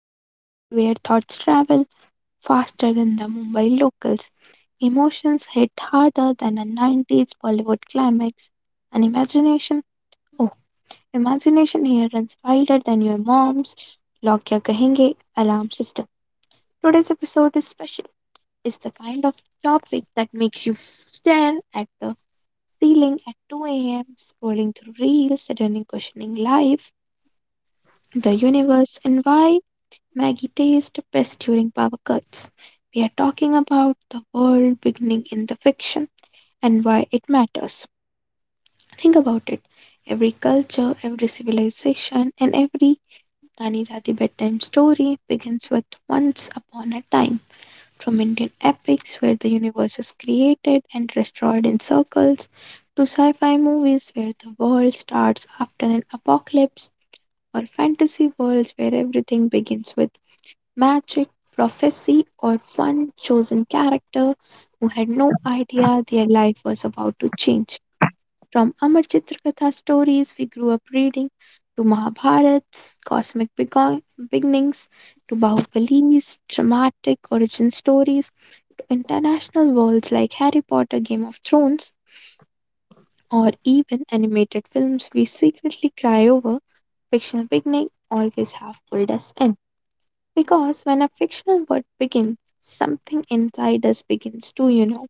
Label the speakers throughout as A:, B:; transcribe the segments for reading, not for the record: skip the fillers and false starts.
A: the place where thoughts travel faster than the Mumbai locals. Emotions hit harder than a 90s Bollywood climax, and imagination, oh, imagination here runs wilder than your mom's Lock Ya Kahenge alarm system. Today's episode is special. It's the kind of topic that makes you f- Stare at the ceiling at 2 a.m., scrolling through reels, suddenly questioning life the universe and why Maggie taste best during power cuts. We are talking about the world beginning in the fiction and why it matters. Think about it. Every culture, every civilization, and every Nani Dadi bedtime story begins with once upon a time. From Indian epics where the universe is created and destroyed in circles, to sci fi movies where the world starts after an apocalypse, or fantasy worlds where everything begins with magic, prophecy, or one chosen character who had no idea their life was about to change. From Amar Chitrakatha stories we grew up reading to Mahabharats, cosmic bego- beginnings, to Bahubal's dramatic origin stories, to international worlds like Harry Potter, Game of Thrones, or even animated films we secretly cry over, fictional beginning always have pulled us in. Because when a fictional world begins, something inside us begins to, you know,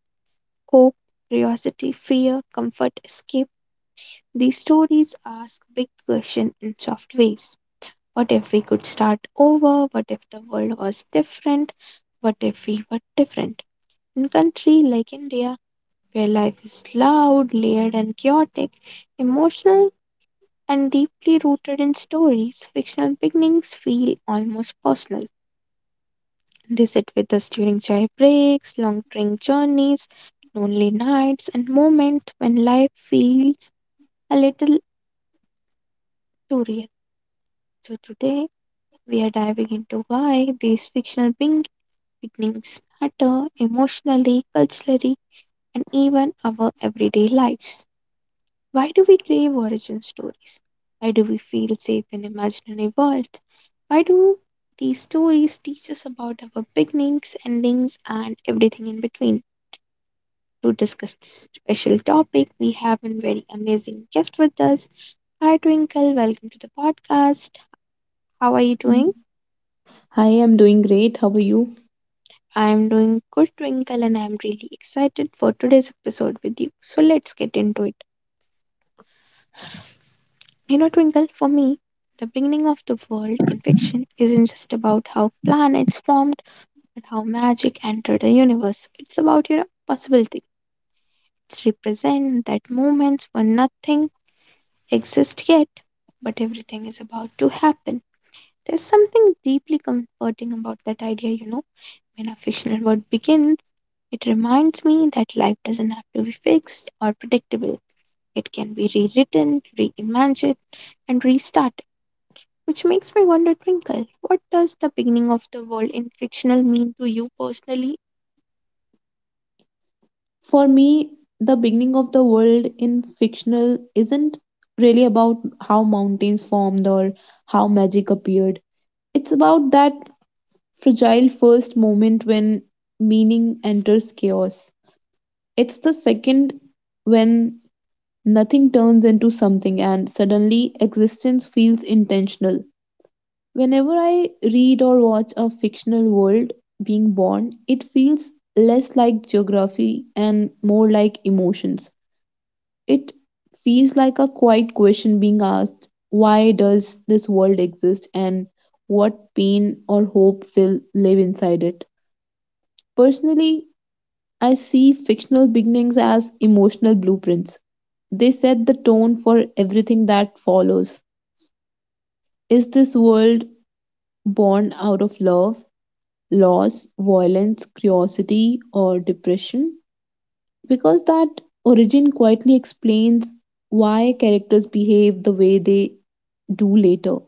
A: hope, curiosity, fear, comfort, escape. These stories ask big questions in soft ways. What if we could start over? What if the world was different? What if we were different? In country like India, where life is loud, layered and chaotic, emotional and deeply rooted in stories, fictional beginnings feel almost personal. They sit with us during chai breaks, long train journeys, lonely nights, and moments when life feels a little too real. So, today we are diving into why these fictional beginnings matter emotionally, culturally, and even our everyday lives. Why do we crave origin stories? Why do we feel safe in imaginary worlds? Why do these stories teach us about our beginnings, endings, and everything in between? To discuss this special topic, we have a very amazing guest with us. Hi, Twinkle. Welcome to the podcast. How are you doing?
B: Hi, I'm doing great. How are you?
A: I'm doing good, Twinkle, and I'm really excited for today's episode with you. So let's get into it. You know, Twinkle, for me, the beginning of the world in fiction isn't just about how planets formed, but how magic entered the universe. It's about, you know, possibility. It's represent that moments when nothing exists yet, but everything is about to happen. There's something deeply comforting about that idea, you know. When a fictional world begins, it reminds me that life doesn't have to be fixed or predictable. It can be rewritten, reimagined, and restarted. Which makes me wonder, Twinkle, what does the beginning of the world in fictional mean to you personally?
B: For me, the beginning of the world in fictional isn't really about how mountains formed or how magic appeared. It's about that fragile first moment when meaning enters chaos. It's the second when nothing turns into something and suddenly existence feels intentional. Whenever I read or watch a fictional world being born, it feels less like geography and more like emotions. It feels like a quiet question being asked, why does this world exist and what pain or hope will live inside it? Personally, I see fictional beginnings as emotional blueprints. They set the tone for everything that follows. Is this world born out of love, loss, violence, curiosity, or depression? Because that origin quietly explains why characters behave the way they do later.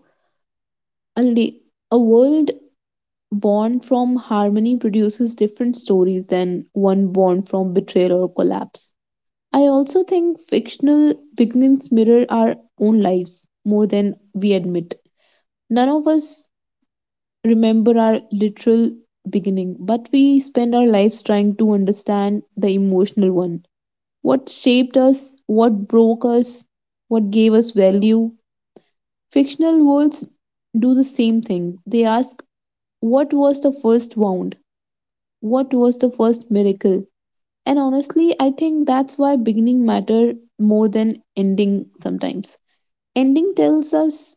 B: A, la- a world born from harmony produces different stories than one born from betrayal or collapse. I also think fictional beginnings mirror our own lives more than we admit. None of us remember our literal beginning, but we spend our lives trying to understand the emotional one. What shaped us, what broke us, what gave us value. Fictional worlds do the same thing. They ask, what was the first wound? What was the first miracle? And honestly, I think that's why beginning matter more than ending sometimes. Ending tells us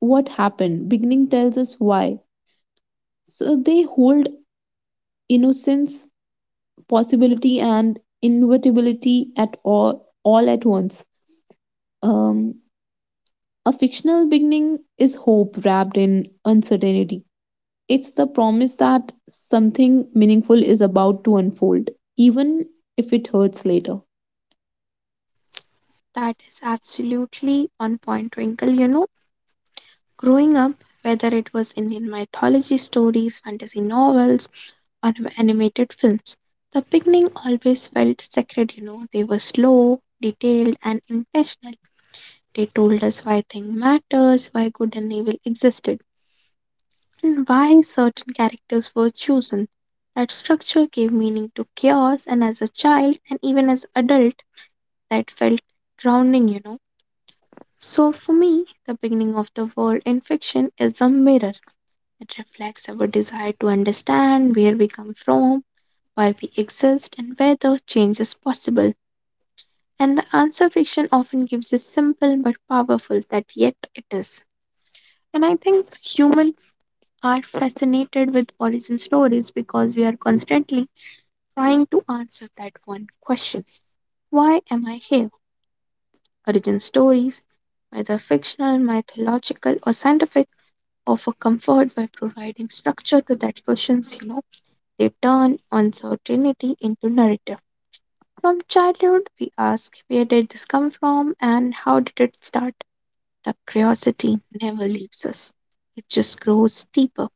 B: what happened, beginning tells us why. So they hold innocence, possibility, and inevitability all at once. Um, a fictional beginning is hope wrapped in uncertainty. It's the promise that something meaningful is about to unfold, even if it hurts later.
A: That is absolutely on point, Twinkle, you know. Growing up, whether it was Indian mythology stories, fantasy novels, or animated films, the beginning always felt sacred, you know. They were slow, detailed, and intentional. They told us why things matters, why good and evil existed, and why certain characters were chosen. That structure gave meaning to chaos, and as a child and even as adult, that felt grounding, you know. So for me, the beginning of the world in fiction is a mirror. It reflects our desire to understand where we come from, why we exist, and whether change is possible. And the answer fiction often gives is simple but powerful that yet it is. And I think humans are fascinated with origin stories because we are constantly trying to answer that one question. Why am I here? Origin stories, whether fictional, mythological, or scientific, offer comfort by providing structure to that questions you know. They turn uncertainty into narrative. From childhood, we ask where did this come from and how did it start? The curiosity never leaves us, it just grows deeper.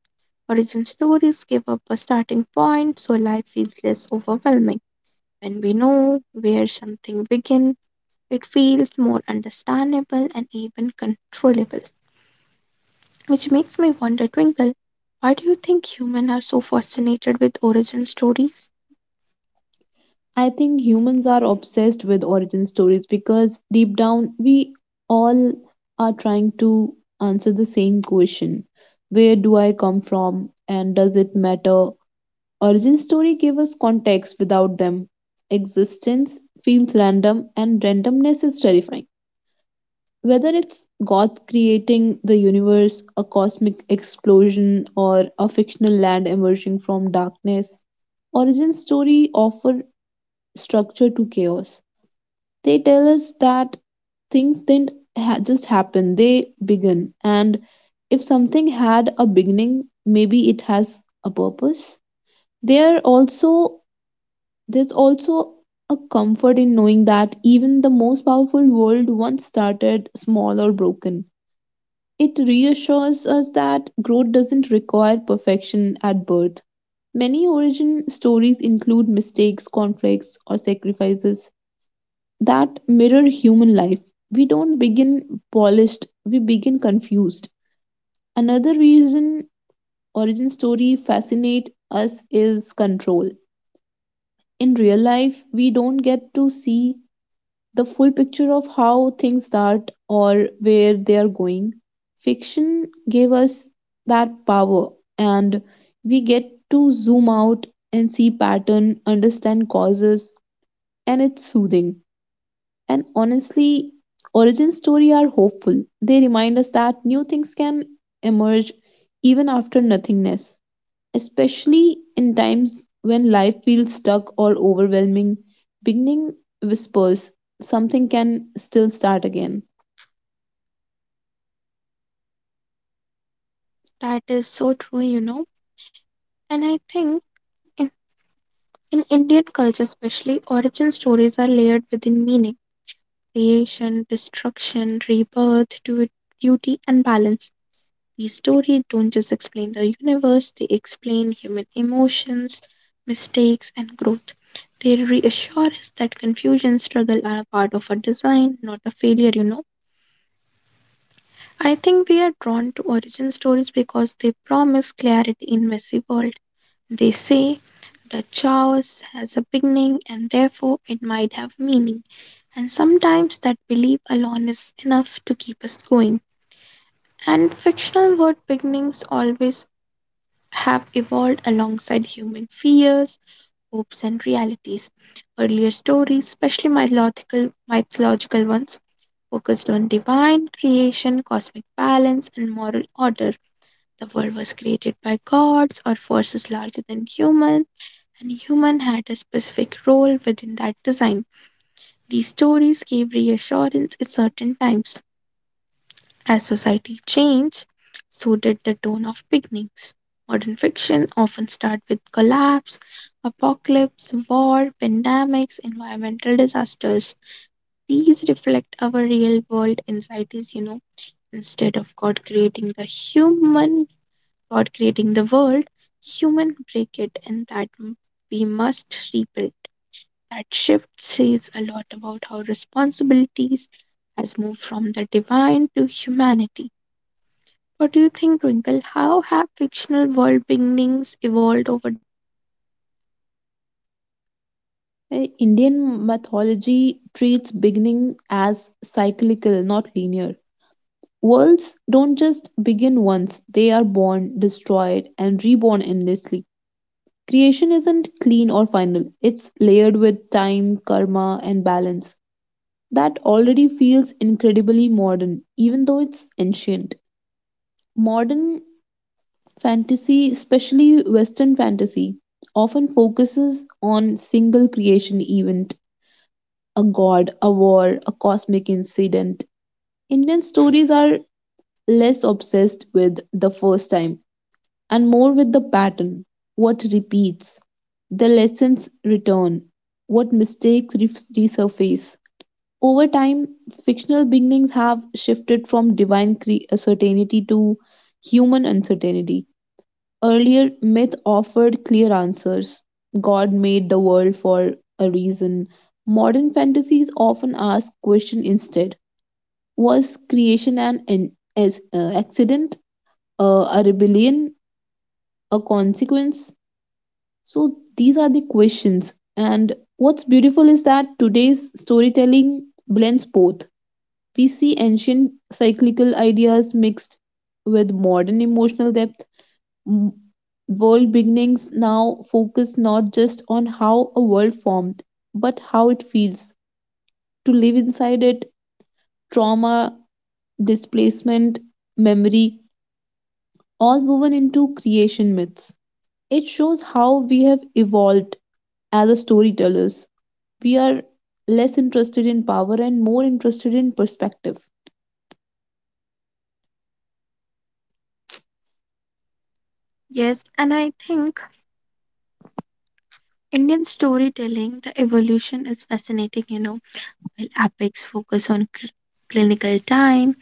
A: Origin stories give up a starting point so life feels less overwhelming. When we know where something began, it feels more understandable and even controllable. Which makes me wonder, Twinkle, why do you think humans are so fascinated with origin stories?
B: I think humans are obsessed with origin stories because deep down we all are trying to answer the same question, where do I come from and does it matter? Origin story give us context. Without them, existence feels random and randomness is terrifying. Whether it's gods creating the universe, a cosmic explosion, or a fictional land emerging from darkness, origin story offer structure to chaos. They tell us that things didn't just happen, they begin. And if something had a beginning, maybe it has a purpose. They are also There's also a comfort in knowing that even the most powerful world once started small or broken. It reassures us that growth doesn't require perfection at birth. Many origin stories include mistakes, conflicts, or sacrifices that mirror human life. We don't begin polished, we begin confused. Another reason origin story fascinate us is control. In real life, we don't get to see the full picture of how things start or where they are going. Fiction gave us that power, and we get to zoom out and see pattern, understand causes, and it's soothing. And honestly, origin story are hopeful. They remind us that new things can emerge even after nothingness, especially in times when life feels stuck or overwhelming. Beginning whispers, something can still start again.
A: That is so true, you know. And I think in, in Indian culture, especially, origin stories are layered within meaning creation, destruction, rebirth, duty, and balance. These stories don't just explain the universe, they explain human emotions, mistakes, and growth. They reassure us that confusion, struggle are a part of a design, not a failure, you know. I think we are drawn to origin stories because they promise clarity in messy world. They say that chaos has a beginning and therefore it might have meaning, and sometimes that belief alone is enough to keep us going. And fictional word beginnings always have evolved alongside human fears, hopes, and realities. Earlier stories, especially mythological ones, focused on divine creation, cosmic balance, and moral order. The world was created by gods or forces larger than humans and human had a specific role within that design. These stories gave reassurance at certain times. As society changed, so did the tone of beginnings. Modern fiction often starts with collapse, apocalypse, war, pandemics, environmental disasters. These reflect our real world anxieties, you know. Instead of God creating the human, God creating the world, human break it and that we must rebuild. That shift says a lot about how responsibilities has moved from the divine to humanity. What do you think, Twinkle? How have fictional world beginnings evolved over?
B: Indian mythology treats beginning as cyclical, not linear. Worlds don't just begin once, they are born, destroyed, and reborn endlessly. Creation isn't clean or final, it's layered with time, karma, and balance. That already feels incredibly modern, even though it's ancient. Modern fantasy, especially Western fantasy, often focuses on single creation event, a god, a war, a cosmic incident. Indian stories are less obsessed with the first time and more with the pattern, what repeats, the lessons return, what mistakes resurface. Over time, fictional beginnings have shifted from divine certainty to human uncertainty. Earlier, myth offered clear answers. God made the world for a reason. Modern fantasies often ask question instead. Was creation an accident, a rebellion, a consequence? So these are the questions. And what's beautiful is that today's storytelling blends both. We see ancient cyclical ideas mixed with modern emotional depth. World beginnings now focus not just on how a world formed, but how it feels to live inside it, trauma, displacement, memory, all woven into creation myths. It shows how we have evolved as a storytellers. We are less interested in power and more interested in perspective.
A: Yes, and I think Indian storytelling, the evolution is fascinating, you know, while epics focus on clinical time,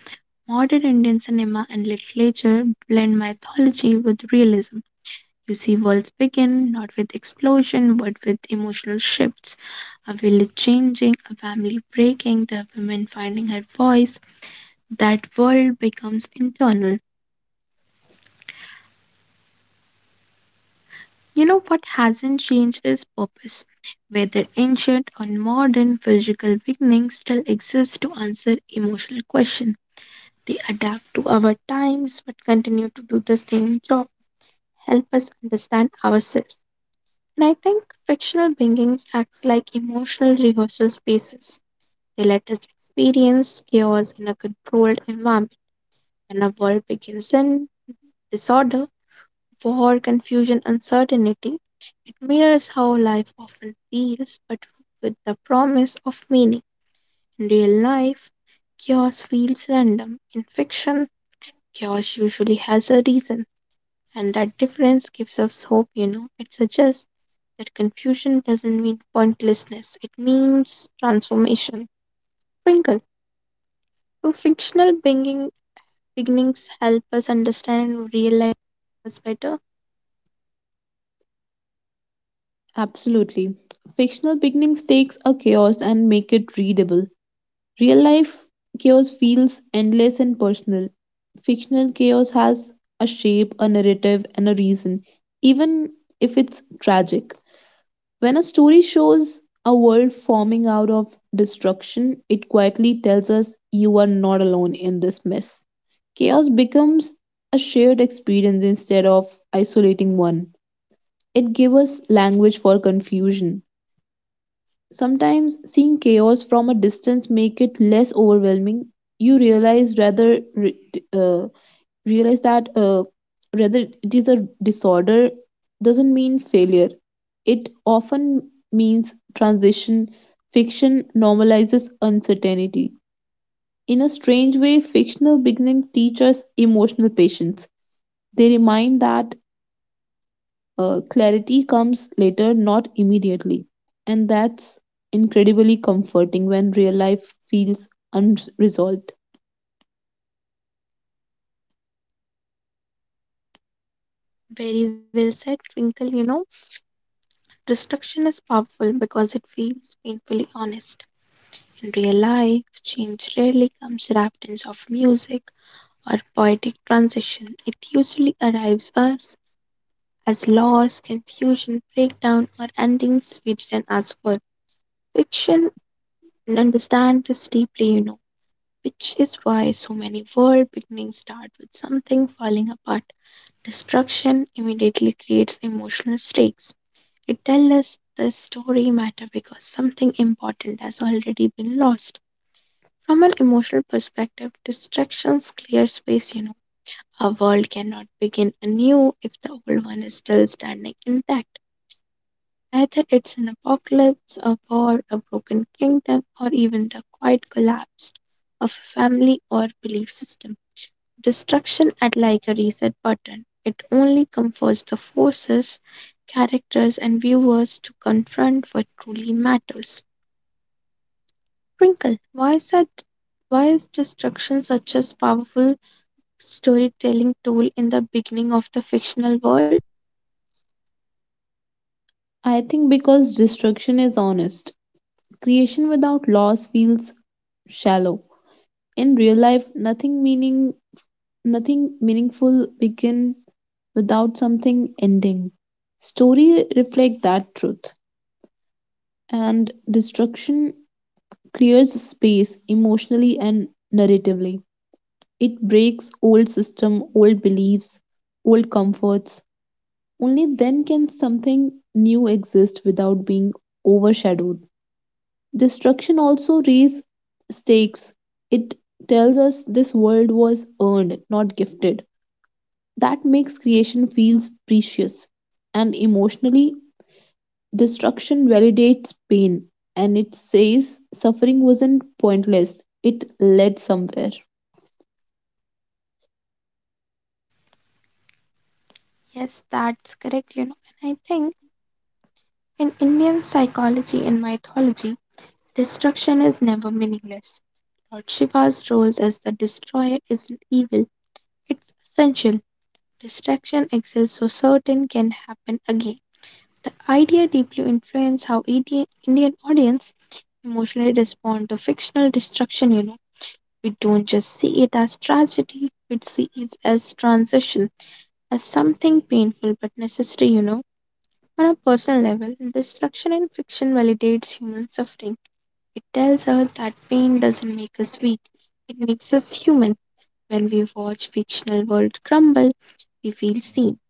A: modern Indian cinema and literature blend mythology with realism. You see worlds begin not with explosion but with emotional shifts. A village changing, a family breaking, the woman finding her voice. That world becomes internal. You know what hasn't changed is purpose. Whether ancient or modern, physical beginnings still exist to answer emotional questions. They adapt to our times but continue to do the same job, help us understand ourselves. And I think fictional beings act like emotional rehearsal spaces. They let us experience chaos in a controlled environment. When a world begins in disorder, war, confusion, uncertainty, it mirrors how life often feels, but with the promise of meaning. In real life, chaos feels random. In fiction, chaos usually has a reason, and that difference gives us hope, you know. It suggests that confusion doesn't mean pointlessness, it means transformation. Twinkle, do beginnings help us understand real life better?
B: Absolutely. Fictional beginnings takes a chaos and make it readable. Real life chaos feels endless and personal. Fictional chaos has a shape, a narrative, and a reason, even if it's tragic. When a story shows a world forming out of destruction, it quietly tells us you are not alone in this mess. Chaos becomes a shared experience instead of isolating one. It gives us language for confusion. Sometimes seeing chaos from a distance make it less overwhelming. You realize rather re- uh, realize that Rather, it is a disorder doesn't mean failure. It often means transition. Fiction normalizes uncertainty. In a strange way, fictional beginnings teach us emotional patience. They remind that clarity comes later, not immediately. And that's incredibly comforting when real life feels unresolved.
A: Very well said, Twinkle. You know, destruction is powerful because it feels painfully honest. In real life, change rarely comes wrapped in soft music or poetic transition. It usually arrives us as loss, confusion, breakdown, or endings we didn't ask for. Fiction understands this deeply, you know, which is why so many world beginnings start with something falling apart. Destruction immediately creates emotional stakes. It tells us the story matter because something important has already been lost. From an emotional perspective, distractions clear space, you know. A world cannot begin anew if the old one is still standing intact. Either it's an apocalypse, a war, a broken kingdom, or even the quiet collapse of a family or belief system. Destruction at like a reset button. It only comforts the forces, characters, and viewers to confront what truly matters. Sprinkle. Why is that? Why is destruction such a powerful storytelling tool in the beginning of the fictional world?
B: I think because destruction is honest, creation without loss feels shallow. In real life, nothing meaningful begin without something ending. Story reflect that truth. And destruction clears space emotionally and narratively. It breaks old system, old beliefs, old comforts. Only then can something new exist without being overshadowed. Destruction also raises stakes. It tells us this world was earned, not gifted. That makes creation feels precious. And emotionally, destruction validates pain and it says suffering wasn't pointless. It led somewhere.
A: Yes, that's correct. You know, and I think in Indian psychology and mythology, destruction is never meaningless. Lord Shiva's role as the destroyer isn't evil, it's essential. Distraction exists so certain can happen again. The idea deeply influenced how Indian audience emotionally respond to fictional destruction, you know. We don't just see it as tragedy, we see it as transition, as something painful but necessary, you know. On a personal level, destruction in fiction validates human suffering. It tells us that pain doesn't make us weak, it makes us human. When we watch fictional world crumble, we feel seen.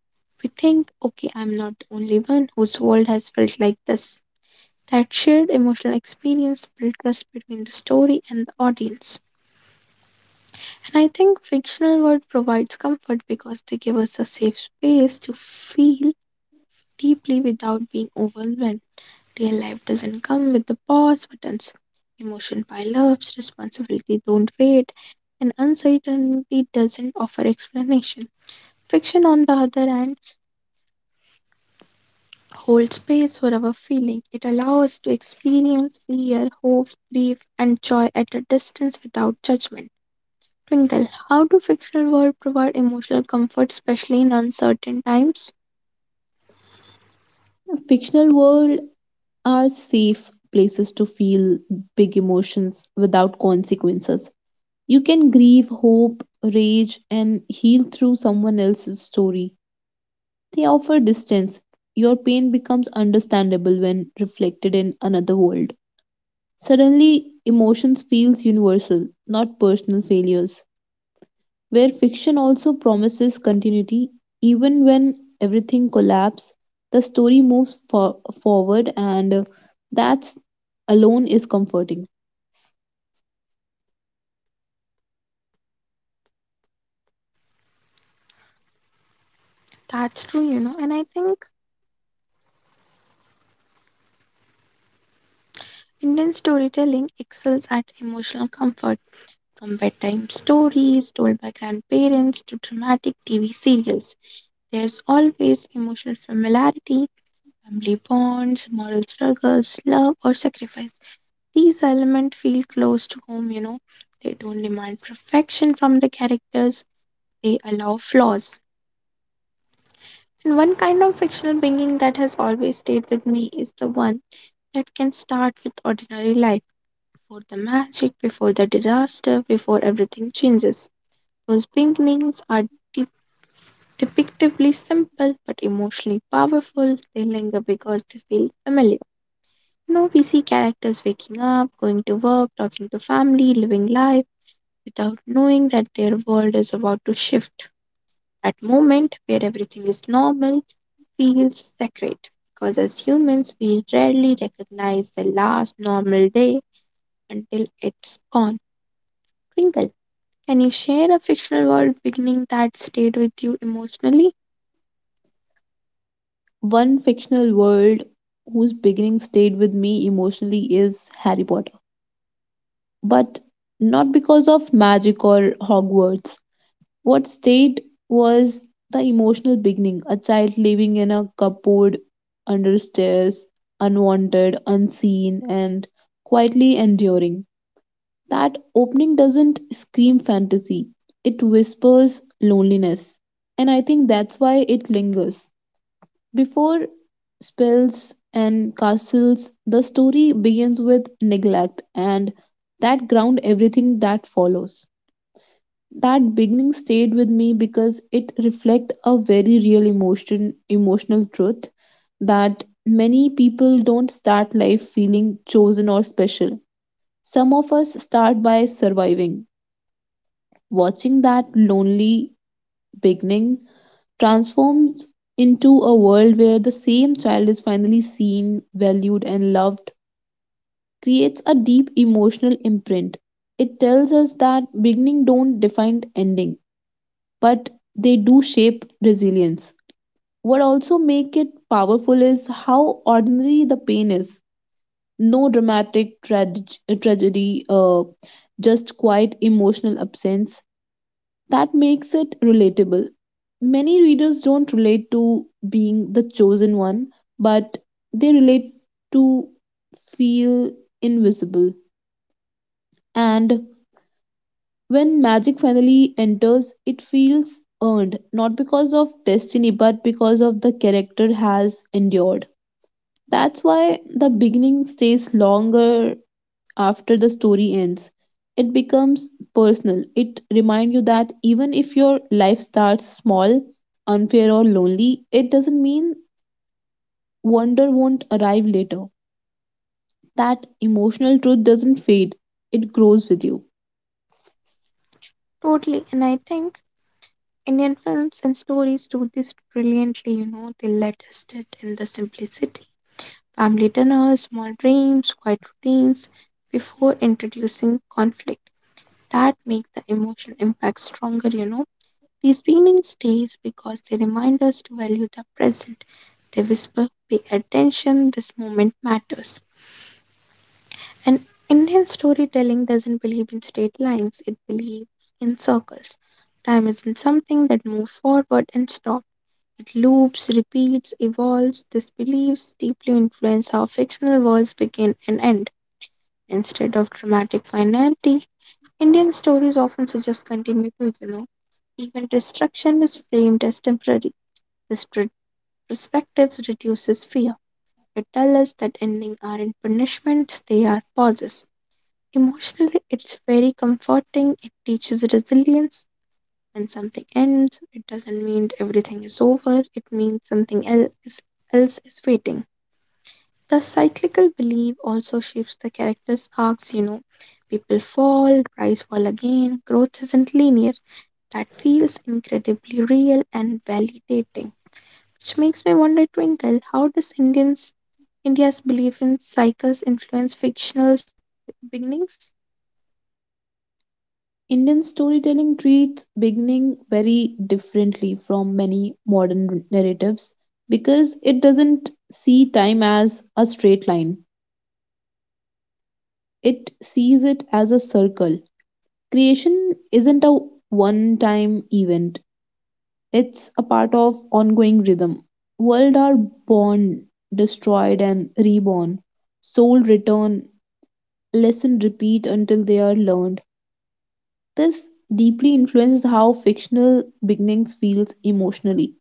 A: We think, okay, I'm not the only one whose world has felt like this. That shared emotional experience builds trust between the story and the audience. And I think fictional world provides comfort because they give us a safe space to feel deeply without being overwhelmed. Real life doesn't come with the pause buttons. Emotion pile ups, responsibility don't wait, and uncertainty doesn't offer explanation. Fiction, on the other hand, hold space for our feeling. It allows us to experience fear, hope, grief, and joy at a distance without judgment. Twinkle, how do fictional world provide emotional comfort, especially in uncertain times?
B: Fictional world are safe places to feel big emotions without consequences. You can grieve, hope, rage, and heal through someone else's story. They offer distance. Your pain becomes understandable when reflected in another world. Suddenly, emotions feels universal, not personal failures. Where fiction also promises continuity, even when everything collapses, the story moves forward, and that's alone is comforting.
A: That's true, you know, and I think Indian storytelling excels at emotional comfort. From bedtime stories told by grandparents to dramatic TV serials, there's always emotional familiarity, family bonds, moral struggles, love, or sacrifice. These elements feel close to home, you know. They don't demand perfection from the characters, they allow flaws. And one kind of fictional being that has always stayed with me is the one that can start with ordinary life, before the magic, before the disaster, before everything changes. Those beings are de- depictively simple but emotionally powerful. They linger because they feel familiar. We see characters waking up, going to work, talking to family, living life without knowing that their world is about to shift. That moment where everything is normal feels sacred because as humans we rarely recognize the last normal day until it's gone. Twinkle, can you share a fictional world beginning that stayed with you emotionally?
B: One fictional world whose beginning stayed with me emotionally is Harry Potter, but not because of magic or Hogwarts. What state was the emotional beginning? A child living in a cupboard, under stairs, unwanted, unseen, and quietly enduring. That opening doesn't scream fantasy, it whispers loneliness. And I think that's why it lingers. Before spells and castles, the story begins with neglect, and that ground everything that follows. That beginning stayed with me because it reflects a very real emotional truth that many people don't start life feeling chosen or special. Some of us start by surviving. Watching that lonely beginning transforms into a world where the same child is finally seen, valued, and loved creates a deep emotional imprint. It tells us that beginning don't define ending, but they do shape resilience. What also make it powerful is how ordinary the pain is. No dramatic tragedy, just quiet emotional absence. That makes it relatable. Many readers don't relate to being the chosen one, but they relate to feel invisible. And when magic finally enters, it feels earned, not because of destiny, but because of the character has endured. That's why the beginning stays longer after the story ends. It becomes personal. It reminds you that even if your life starts small, unfair, or lonely, it doesn't mean wonder won't arrive later. That emotional truth doesn't fade, it grows with you.
A: Totally, and I think Indian films and stories do this brilliantly, they let us sit in the simplicity. Family dinners, small dreams, quiet routines before introducing conflict. That make the emotional impact stronger. These beginnings stays because they remind us to value the present. They whisper, pay attention, this moment matters. And Indian storytelling doesn't believe in straight lines, it believes in circles. Time isn't something that moves forward and stops. It loops, repeats, evolves. These beliefs deeply influence how fictional worlds begin and end. Instead of dramatic finality, Indian stories often suggest continuity. Even destruction is framed as temporary. This perspective reduces fear. It tells us that endings aren't punishments, they are pauses. Emotionally, it's very comforting. It teaches resilience. When something ends, it doesn't mean everything is over, it means something else is waiting. The cyclical belief also shapes the character's arcs. People fall, rise, fall again. Growth isn't linear, that feels incredibly real and validating. Which makes me wonder, Twinkle, how does Indians India's belief in cycles influence fictional beginnings?
B: Indian storytelling treats beginning very differently from many modern narratives because it doesn't see time as a straight line. It sees it as a circle. Creation isn't a one time event, it's a part of ongoing rhythm. World are born, destroyed, and reborn. Soul return, lesson repeat until they are learned. This deeply influences how fictional beginnings feels emotionally.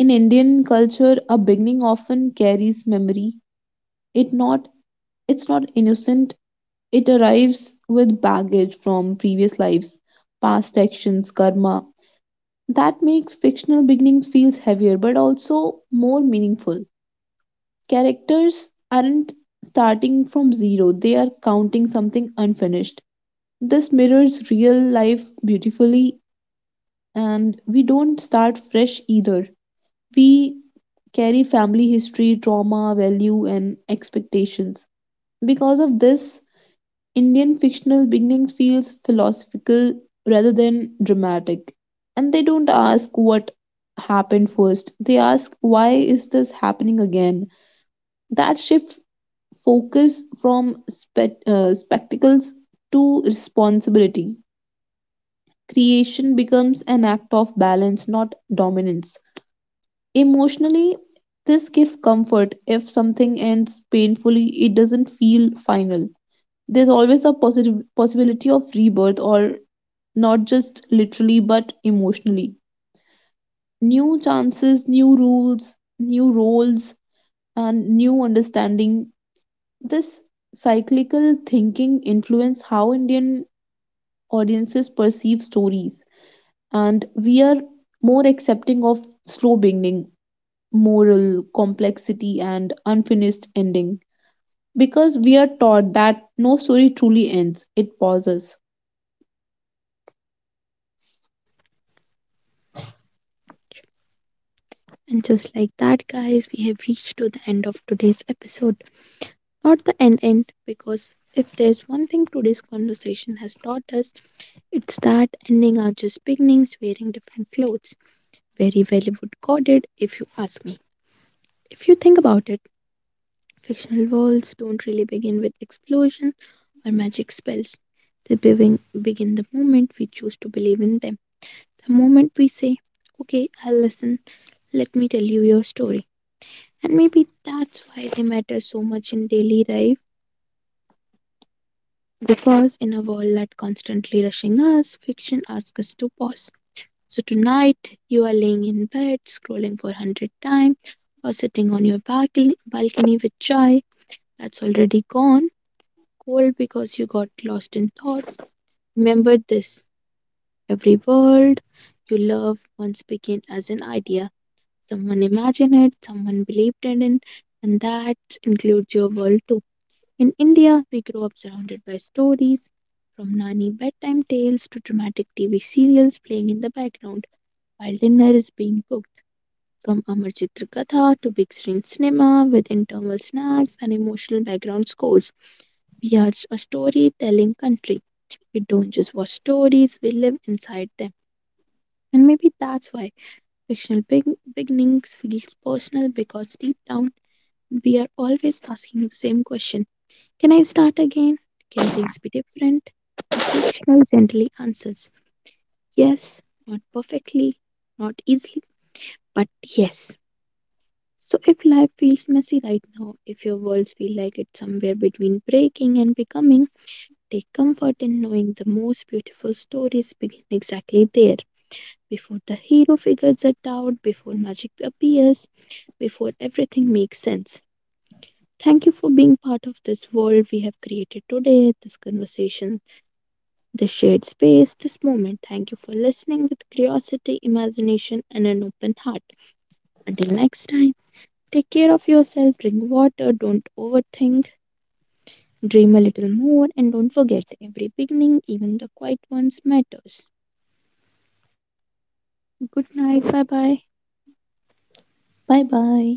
B: In Indian culture, a beginning often carries memory. It not it's not innocent. It arrives with baggage from previous lives, past actions, karma. That makes fictional beginnings feels heavier but also more meaningful. Characters aren't starting from zero. They are counting something unfinished. This mirrors real life beautifully, and we don't start fresh either. We carry family history, trauma, value, and expectations. Because of this, Indian fictional beginnings feels philosophical rather than dramatic. And they don't ask what happened first. They ask, why is this happening again? That shift focus from spectacles to responsibility. Creation becomes an act of balance, not dominance. Emotionally, this gives comfort. If something ends painfully, it doesn't feel final. There's always a positive possibility of rebirth, or not just literally but emotionally. New chances, new rules, new roles, and new understanding. This cyclical thinking influence how Indian audiences perceive stories, and we are more accepting of slow beginning, moral complexity, and unfinished ending, because we are taught that no story truly ends, it pauses.
A: And just like that, guys, we have reached to the end of today's episode. Not the end end, because if there's one thing today's conversation has taught us, it's that ending are just beginnings wearing different clothes. Very Hollywood coded, if you ask me. If you think about it, fictional worlds don't really begin with explosion or magic spells. They begin the moment we choose to believe in them. The moment we say, okay, I'll listen, let me tell you your story. And maybe that's why they matter so much in daily life, because in a world that constantly rushing us, fiction asks us to pause. So tonight, you are laying in bed, scrolling for 100 times, or sitting on your balcony with chai that's already gone cold because you got lost in thoughts. Remember this, every word you love once began as an idea. Someone imagined it, someone believed in it, and that includes your world too. In India, we grow up surrounded by stories from Nani bedtime tales to dramatic TV serials playing in the background while dinner is being cooked. From Amar Chitra Katha to big screen cinema with internal snacks and emotional background scores. We are a storytelling country. We don't just watch stories, we live inside them. And maybe that's why fictional beginnings feels personal because deep down we are always asking the same question. Can I start again? Can things be different? And fictional gently answers yes, not perfectly, not easily, but yes. So if life feels messy right now, if your worlds feel like it's somewhere between breaking and becoming, take comfort in knowing the most beautiful stories begin exactly there, before the hero figures it out, before magic appears, before everything makes sense. Thank you for being part of this world we have created today, this conversation, this shared space, this moment. Thank you for listening with curiosity, imagination, and an open heart. Until next time, take care of yourself, drink water, don't overthink, dream a little more, and don't forget every beginning, even the quiet ones, matters. Good night. Bye bye.
B: Bye bye.